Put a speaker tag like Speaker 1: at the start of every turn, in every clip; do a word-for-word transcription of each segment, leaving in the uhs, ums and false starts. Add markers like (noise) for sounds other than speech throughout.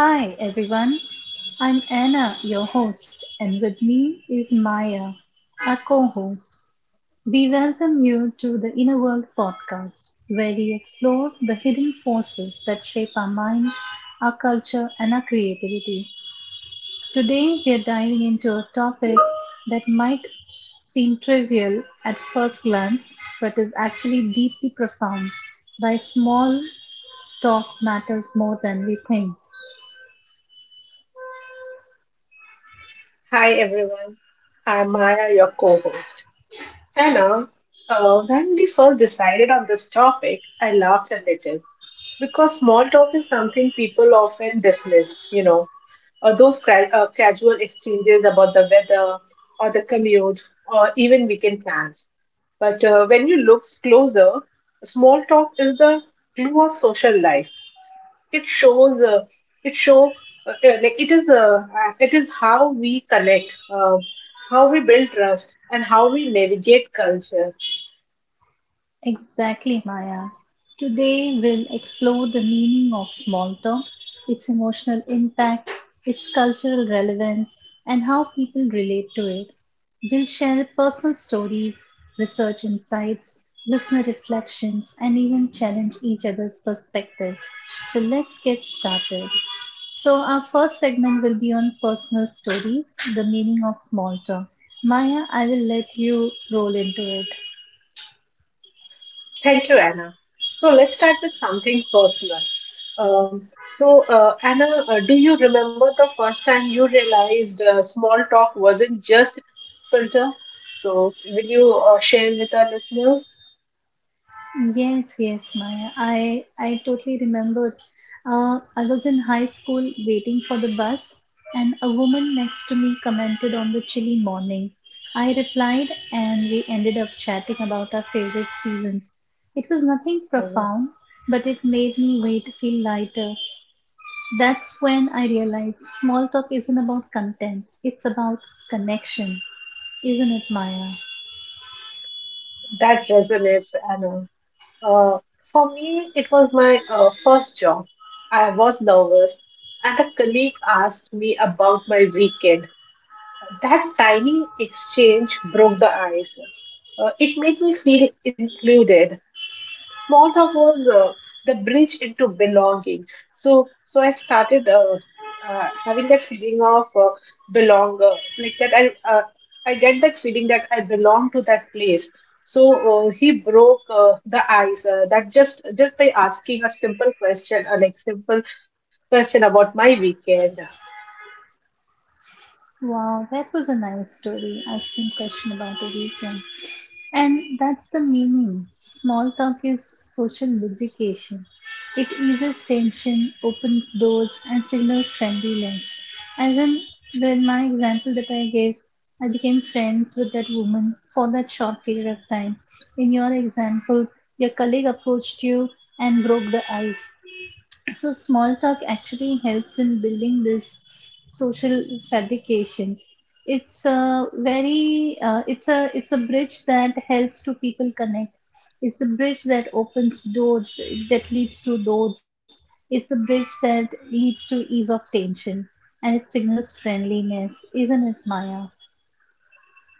Speaker 1: Hi everyone, I'm Anna, your host, and with me is Maya, our co host. We welcome you to the Inner World podcast, where we explore the hidden forces that shape our minds, our culture, and our creativity. Today, we are diving into a topic that might seem trivial at first glance, but is actually deeply profound. Why small talk matters more than we think.
Speaker 2: Hi everyone, I'm Maya, your co host. Anna, uh, when we first decided on this topic, I laughed a little because small talk is something people often dismiss, you know, or those ca- uh, casual exchanges about the weather or the commute or even weekend plans. But uh, when you look closer, small talk is the glue of social life. It shows uh, it show uh, uh, like it is uh, uh, it is how we connect, uh, how we build trust, and how we navigate culture.
Speaker 1: Exactly, Maya. Today we'll explore the meaning of small talk, its emotional impact, its cultural relevance, and how people relate to it. We'll share personal stories, research insights, listener reflections, and even challenge each other's perspectives. So let's get started. So, our first segment will be on personal stories, the meaning of small talk. Maya, I will let you roll into it.
Speaker 2: Thank you, Anna. So let's start with something personal. Um, so uh, anna uh, do you remember the first time you realized uh, small talk wasn't just filter? So will you uh, share with our listeners?
Speaker 1: Yes, yes, Maya. I I totally remembered. Uh, I was in high school waiting for the bus, and a woman next to me commented on the chilly morning. I replied, and we ended up chatting about our favorite seasons. It was nothing
Speaker 2: Uh,
Speaker 1: profound, but it made me wait feel lighter. That's when I realized small talk isn't about content; it's about connection, isn't it, Maya?
Speaker 2: that resonates, Anna. Uh, for me, it was my uh, first job. I was nervous, and a colleague asked me about my weekend. That tiny exchange broke the ice. Uh, it made me feel included. S- Small talk was uh, the bridge into belonging. So, so I started uh, uh, having that feeling of uh, belong, uh, like that. I uh, I get that feeling that I belong to that place. So uh, he broke uh, the ice. Uh, that just just by asking a simple question, a like simple question about my weekend.
Speaker 1: Wow, that was a nice story. Asking question about the weekend. And that's the meaning. Small talk is social lubrication. It eases tension, opens doors, and signals friendly links. As in the, my example that I gave, I became friends with that woman for that short period of time. In your example, your colleague approached you and broke the ice. So small talk actually helps in building this social fabrications. It's a very uh, it's a it's a bridge that helps to people connect, it's a bridge that opens doors that leads to doors, it's a bridge that leads to ease of tension, and it signals friendliness, isn't it, Maya?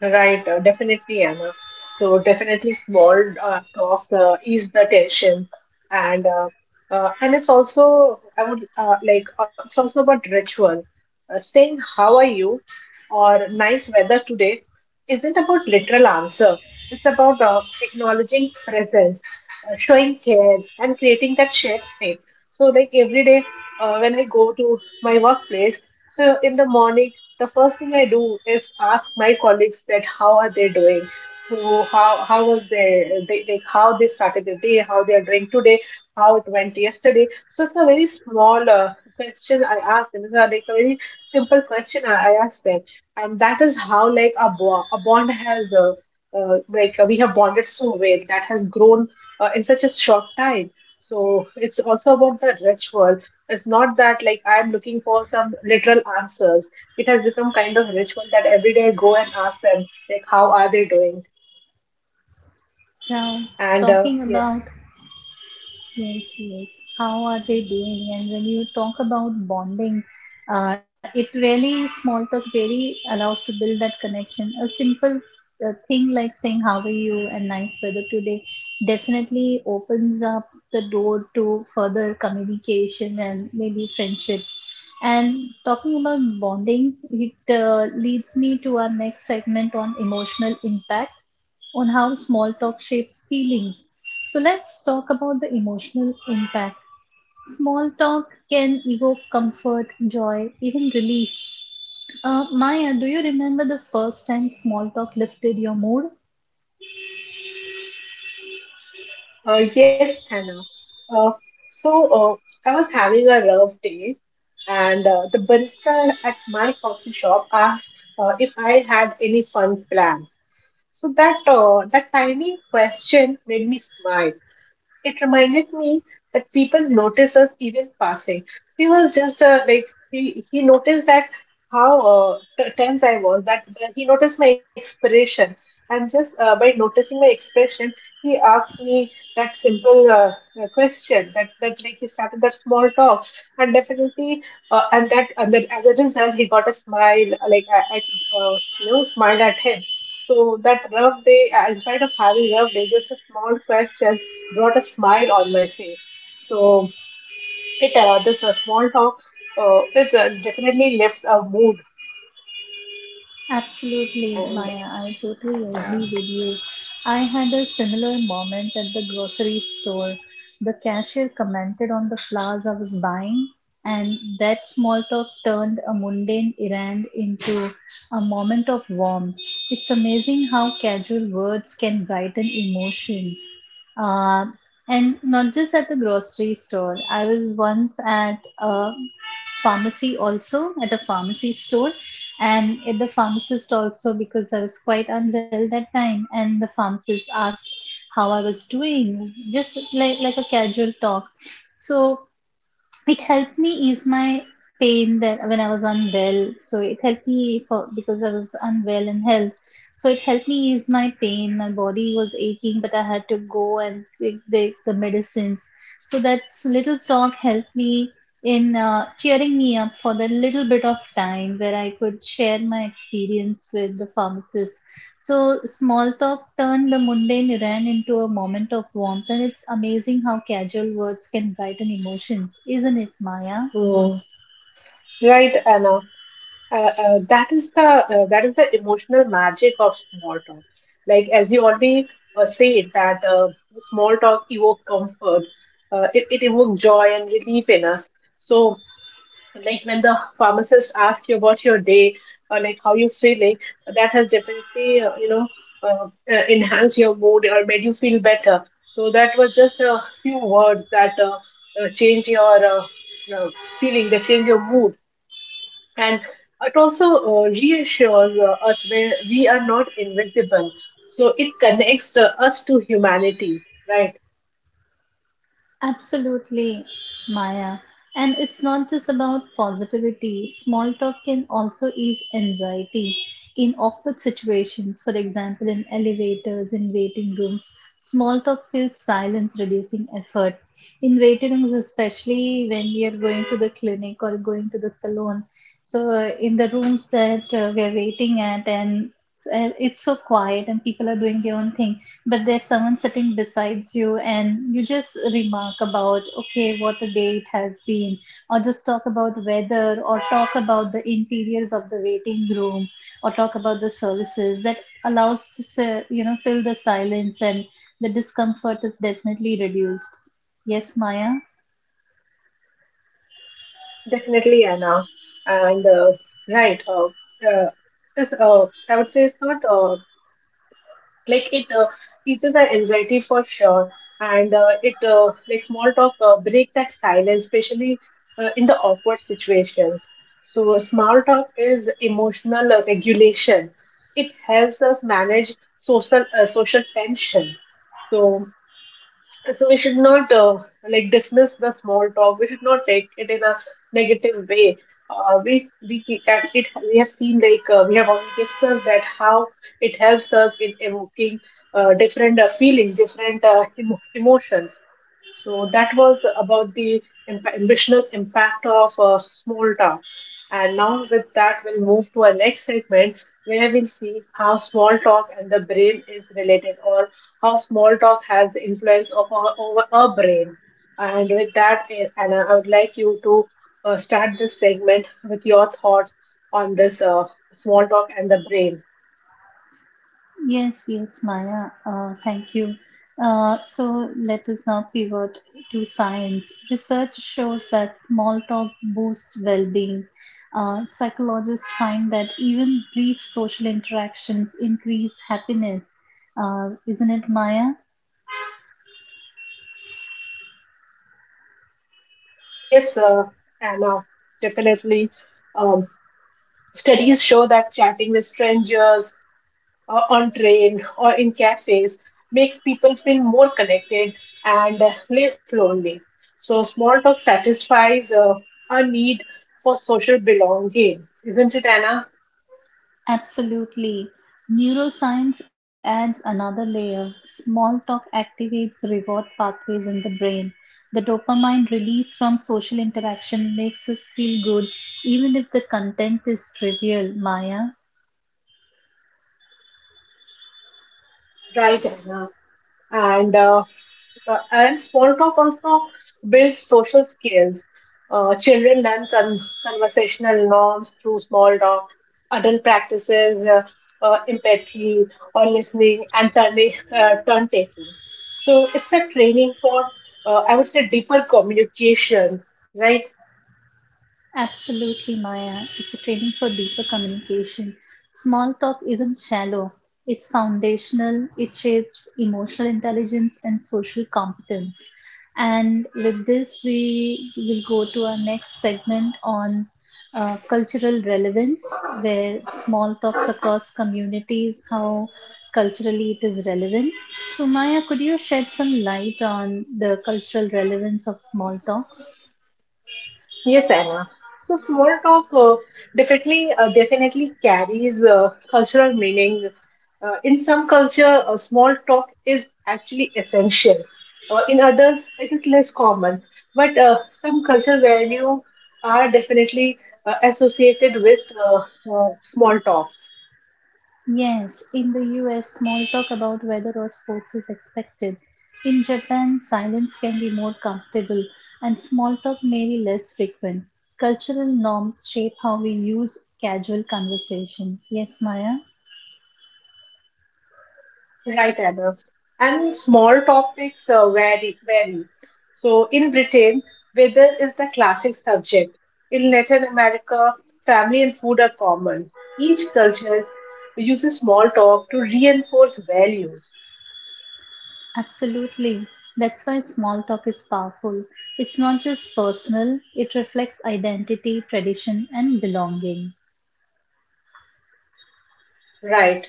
Speaker 2: Right, uh, definitely, Anna. So definitely, small uh, talks uh, ease the tension, and uh, uh, and it's also I would uh, like uh, it's also about ritual. Uh, saying "How are you?" or "Nice weather today" isn't about literal answer. It's about uh, acknowledging presence, uh, showing care, and creating that shared space. So like every day, uh, when I go to my workplace, so in the morning the first thing I do is ask my colleagues that how are they doing. So how how was their they like how they started their day, how they are doing today, how it went yesterday. So it's a very small uh, question I ask them. It's a, like a very simple question I, I ask them, and that is how like a, bo- a bond has, uh, uh, like uh, we have bonded so well that has grown uh, in such a short time. So it's also about the ritual. It's not that like I'm looking for some literal answers. It has become kind of ritual that every day I go and ask them like how are they doing.
Speaker 1: Now
Speaker 2: And uh,
Speaker 1: talking about.
Speaker 2: yes.
Speaker 1: Yes, yes. How are they doing? And when you talk about bonding, uh, it really, small talk really allows to build that connection. A simple uh, thing like saying, "How are you?" and "nice weather today" definitely opens up the door to further communication and maybe friendships. And talking about bonding, it uh, leads me to our next segment on emotional impact on how small talk shapes feelings. So let's talk about the emotional impact. Small talk can evoke comfort, joy, even relief. Uh, Maya, do you remember the first time small talk lifted your mood?
Speaker 2: Uh, yes, Anna. uh, so uh, I was having a rough day, and uh, the barista at my coffee shop asked uh, if I had any fun plans. So that uh, that tiny question made me smile. It reminded me that people notice us even passing. He was just uh, like he he noticed that how uh, t- tense I was. That, that he noticed my expression, and just uh, by noticing my expression, he asked me that simple uh, uh, question. That that like he started that small talk, and definitely, uh, and that and that as a result, he got a smile. Like I, I could, uh, you know smile at him. So that rough day, uh, in spite of having rough day, just a small question brought a smile on my face. So it uh, this uh, small talk uh, is uh, definitely lifts a mood.
Speaker 1: Absolutely,
Speaker 2: And
Speaker 1: Maya. I totally
Speaker 2: yeah.
Speaker 1: agree with you. I had a similar moment at the grocery store. The cashier commented on the flowers I was buying, and that small talk turned a mundane errand into a moment of warmth. It's amazing how casual words can brighten emotions. Uh, and not just at the grocery store, I was once at a pharmacy also, at a pharmacy store, and at the pharmacist also, because I was quite unwell that time, and the pharmacist asked how I was doing, just like like a casual talk. So it helped me ease my pain that when I was unwell. So it helped me for because I was unwell in health. So it helped me ease my pain. My body was aching, but I had to go and take the, the medicines. So that little talk helped me in uh, cheering me up for that little bit of time where I could share my experience with the pharmacist. So, small talk turned the mundane Iran into a moment of warmth, and it's amazing how casual words can brighten emotions, isn't it, Maya?
Speaker 2: Mm, right, Anna. Uh, uh, uh, that is the uh, that is the emotional magic of small talk. Like as you already uh, said, that uh, small talk evoke comfort. Uh, it it evokes joy and relief in us. So like when the pharmacist asks you about your day or like how you're feeling, that has definitely, uh, you know uh, uh, enhanced your mood or made you feel better. So that was just a few words that uh, uh, change your uh, uh, feeling, that change your mood. And it also uh, reassures uh, us where we are not invisible. So it connects uh, us to humanity, right?
Speaker 1: Absolutely, Maya. And it's not just about positivity. Small talk can also ease anxiety. In awkward situations, for example, in elevators, in waiting rooms, small talk feels silence reducing effort. In waiting rooms, especially when we are going to the clinic or going to the salon. So, uh, in the rooms that uh, we are waiting at, and uh, it's so quiet and people are doing their own thing, but there's someone sitting besides you and you just remark about, okay, what a day it has been, or just talk about weather, or talk about the interiors of the waiting room, or talk about the services that allows to sa- you know fill the silence, and the discomfort is definitely reduced, yes, Maya?
Speaker 2: Definitely, Anna. And uh, right, uh, uh, this, uh, I would say it's not, uh, like it uh, teaches our anxiety for sure, and uh, it uh, like small talk uh, break that silence, especially uh, in the awkward situations. So small talk is emotional uh, regulation. It helps us manage social uh, social tension. So so we should not uh, like dismiss the small talk. We should not take it in a negative way. Uh, we we that it we have seen like uh, we have already discussed that how it helps us in evoking uh, different uh, feelings, different uh, emo- emotions. So that was about the imp- ambitional impact of uh, small talk. And now with that, we'll move to our next segment where we'll see how small talk and the brain is related, or how small talk has the influence of our, over our brain. And with that, eh, Anna, I would like you to uh, start this segment with your thoughts on this uh, small talk and the brain.
Speaker 1: Yes, yes, Maya. Uh, thank you. Uh, so let us now pivot to science. Research shows that small talk boosts well being. Uh, psychologists find that even brief social interactions increase happiness. Uh, isn't it, Maya?
Speaker 2: Uh, Yes, uh, Anna, definitely. Um, Studies show that chatting with strangers uh, on train or in cafes makes people feel more connected and uh, less lonely. So small talk satisfies uh, our need for social belonging, isn't it, Anna?
Speaker 1: Absolutely. Neuroscience adds another layer. Small talk activates reward pathways in the brain. The dopamine release from social interaction makes us feel good, even if the content is trivial, Maya.
Speaker 2: Right, Anna. And uh, Uh, and small talk also builds social skills. Uh, children learn con- conversational norms through small talk. Adult practices, uh, uh, empathy or listening and turning, uh, turn taking. So it's a training for, uh, I would say, deeper communication, right?
Speaker 1: Absolutely, Maya. It's a training for deeper communication. Small talk isn't shallow, it's foundational, it shapes emotional intelligence and social competence. And with this, we will go to our next segment on uh, cultural relevance, where small talks across communities, how culturally it is relevant. So, Maya, could you shed some light on the cultural relevance of small talks?
Speaker 2: Yes, Anna. So small talk uh, definitely uh, definitely carries uh, cultural meaning. Uh, in some culture, uh, small talk is actually essential. Uh, in others, it is less common. But uh, some cultural value are definitely uh, associated with uh, uh, small talks.
Speaker 1: Yes, in the U S, small talk about weather or sports is expected. In Japan, silence can be more comfortable and small talk may be less frequent. Cultural norms shape how we use casual conversation. Yes, Maya?
Speaker 2: Right, Adolf. And small topics uh, vary, vary. So in Britain, weather is the classic subject. In Latin America, family and food are common. Each culture uses small talk to reinforce values.
Speaker 1: Absolutely. That's why small talk is powerful. It's not just personal, it reflects identity, tradition, and belonging.
Speaker 2: Right.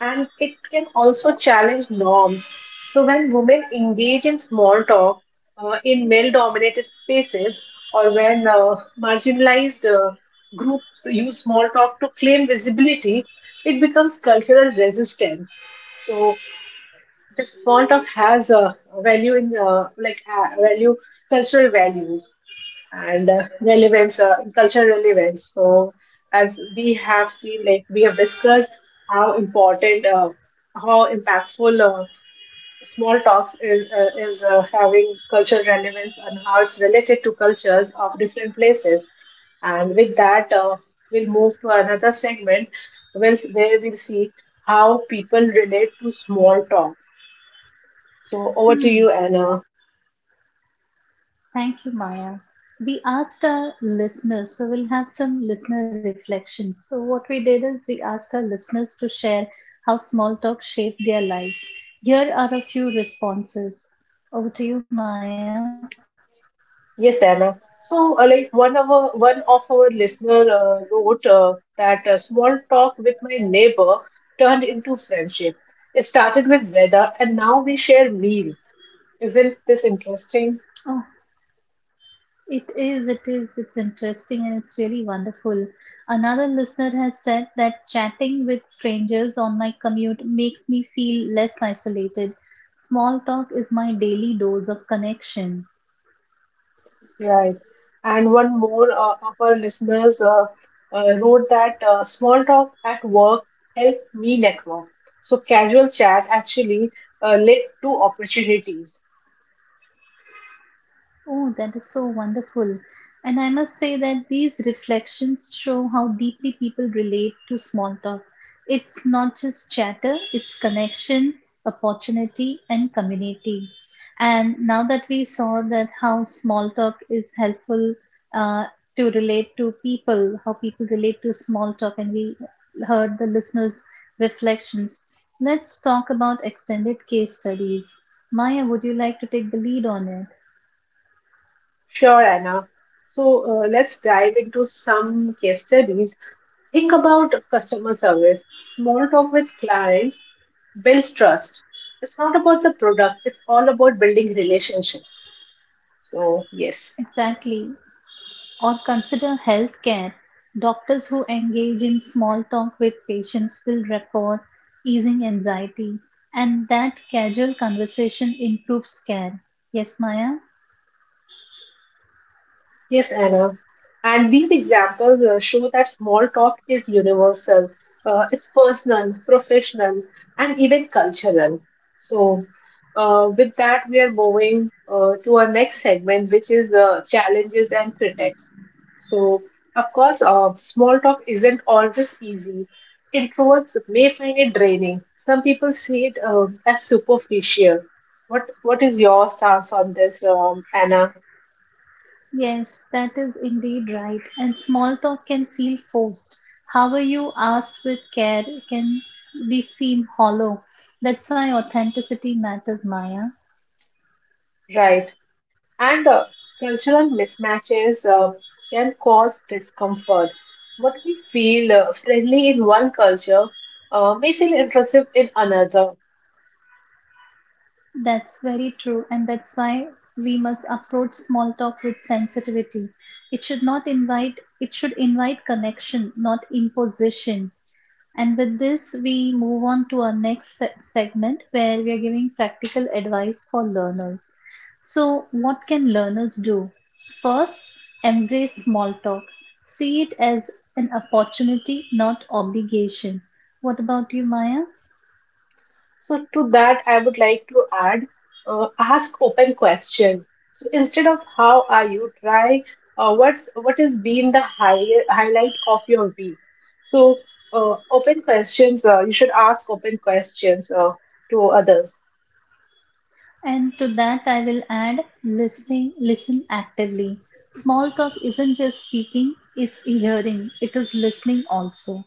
Speaker 2: And it can also challenge norms. So, when women engage in small talk uh, in male dominated spaces, or when uh, marginalized uh, groups use small talk to claim visibility, it becomes cultural resistance. So, this small talk has a value in, uh, like uh, value cultural values and uh, relevance, uh, cultural relevance. So, as we have seen, like we have discussed how important, uh, how impactful uh, small talks is, uh, is uh, having cultural relevance and how it's related to cultures of different places. And with that, uh, we'll move to another segment where, where we'll see how people relate to small talk. So, over to
Speaker 1: Hmm.
Speaker 2: you, Anna.
Speaker 1: Thank you, Maya. We asked our listeners, so we'll have some listener reflections. So, what we did is we asked our listeners to share how small talk shaped their lives. Here are a few responses. Over to you, Maya.
Speaker 2: Yes, Diana. So, uh, like one of our, one of our listener uh, wrote uh, that a small talk with my neighbor turned into friendship. It started with weather, and now we share meals. Isn't this interesting?
Speaker 1: Oh, it is, it is, it's interesting and it's really wonderful. Another listener has said that chatting with strangers on my commute makes me feel less isolated. Small talk is my daily dose of connection.
Speaker 2: Right. And one more uh, of our listeners uh, uh, wrote that uh, small talk at work helped me network. So casual chat actually uh, led to opportunities.
Speaker 1: Oh, that is so wonderful. And I must say that these reflections show how deeply people relate to small talk. It's not just chatter, it's connection, opportunity, and community. And now that we saw that how small talk is helpful uh, to relate to people, how people relate to small talk, and we heard the listeners' reflections, let's talk about extended case studies. Maya, would you like to take the lead on it?
Speaker 2: Sure, Anna. So uh, let's dive into some case studies. Think about customer service. Small talk with clients builds trust. It's not about the product, it's all about building relationships. So, yes.
Speaker 1: Exactly. Or consider healthcare. Doctors who engage in small talk with patients build rapport, easing anxiety, and that casual conversation improves care. Yes, Maya?
Speaker 2: Yes, Anna. And these examples uh, show that small talk is universal. Uh, it's personal, professional, and even cultural. So, uh, with that, we are moving uh, to our next segment, which is uh, challenges and critics. So, of course, uh, small talk isn't always easy. Introverts may find it draining. Some people see it um as superficial. What What is your stance on this, um, Anna?
Speaker 1: Yes, that is indeed right. And small talk can feel forced. However, you asked with care can be seen hollow. That's why authenticity matters, Maya.
Speaker 2: Right. And uh, cultural mismatches uh, can cause discomfort. What we feel uh, friendly in one culture uh, may feel intrusive in another.
Speaker 1: That's very true, and that's why we must approach small talk with sensitivity. It should not invite, it should invite connection, not imposition. And with this, we move on to our next se- segment where we are giving practical advice for learners. So, what can learners do? First, embrace small talk. See it as an opportunity, not obligation. What about you, Maya?
Speaker 2: So, to that, I would like to add, uh, ask open question. So, instead of how are you, try uh, what's what has been the high, highlight of your week. So, uh, open questions, uh, you should ask open questions uh, to others.
Speaker 1: And to that, I will add listening, listen actively. Small talk isn't just speaking, it's hearing, it is listening also.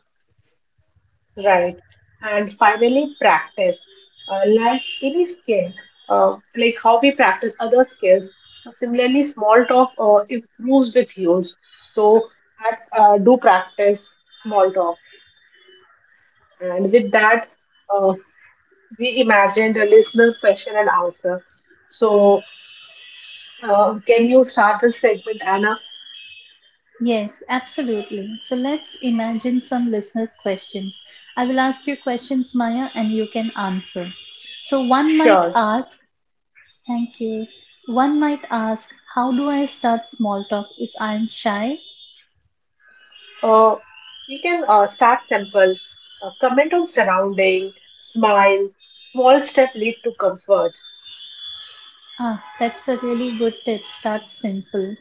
Speaker 2: Right. And finally, practice. Uh, like any skill, uh, like how we practice other skills, similarly, small talk uh, improves with use. So, uh, do practice small talk. And with that, uh, we imagined a listener's question and answer. So, uh, can you start this segment, Anna?
Speaker 1: Yes, absolutely. So let's imagine some listeners' questions. I will ask you questions, Maya, and you can answer. So one might
Speaker 2: Sure.
Speaker 1: ask, thank you. One might ask, how do I start small talk if I'm shy?
Speaker 2: Uh, we can uh, start simple. Uh, comment on surrounding, smile, small step lead to comfort.
Speaker 1: Ah, that's a really good tip. Start simple.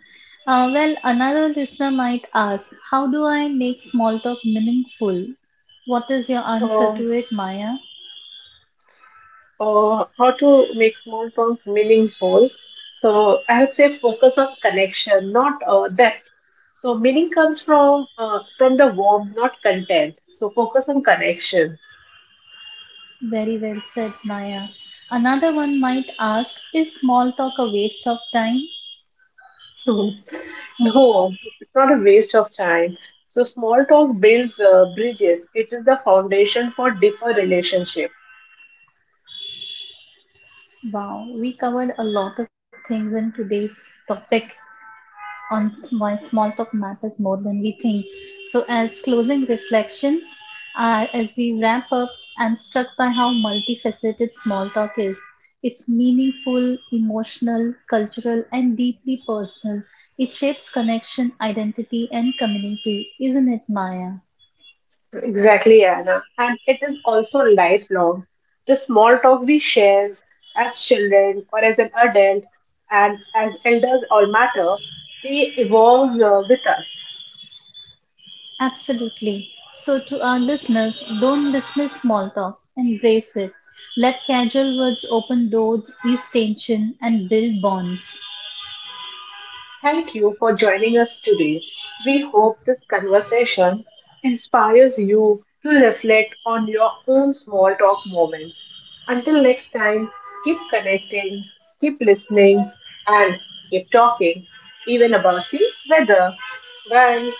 Speaker 1: Uh, well, another listener might ask, how do I make small talk meaningful? What is your answer
Speaker 2: Um,
Speaker 1: to it, Maya?
Speaker 2: uh, how to make small talk meaningful. So I would say focus on connection, not uh, depth. So meaning comes from uh, from the warmth, not content. So focus on connection.
Speaker 1: Very well said, Maya. Another one might ask, is small talk a waste of time?
Speaker 2: (laughs) No, it's not a waste of time. So small talk builds uh, bridges. It is the foundation for deeper relationship.
Speaker 1: Wow, we covered a lot of things in today's topic. On s- why small talk matters more than we think. So, as closing reflections, uh, as we wrap up, I'm struck by how multifaceted small talk is. It's meaningful, emotional, cultural, and deeply personal. It shapes connection, identity, and community, isn't it, Maya?
Speaker 2: Exactly, Anna. And it is also lifelong. The small talk we share as children or as an adult and as elders all matter, they evolve uh, with us.
Speaker 1: Absolutely. So, to our listeners, don't dismiss small talk, embrace it. Let casual words open doors, ease tension, and build bonds.
Speaker 2: Thank you for joining us today. We hope this conversation inspires you to reflect on your own small talk moments. Until next time, keep connecting, keep listening, and keep talking, even about the weather. Bye.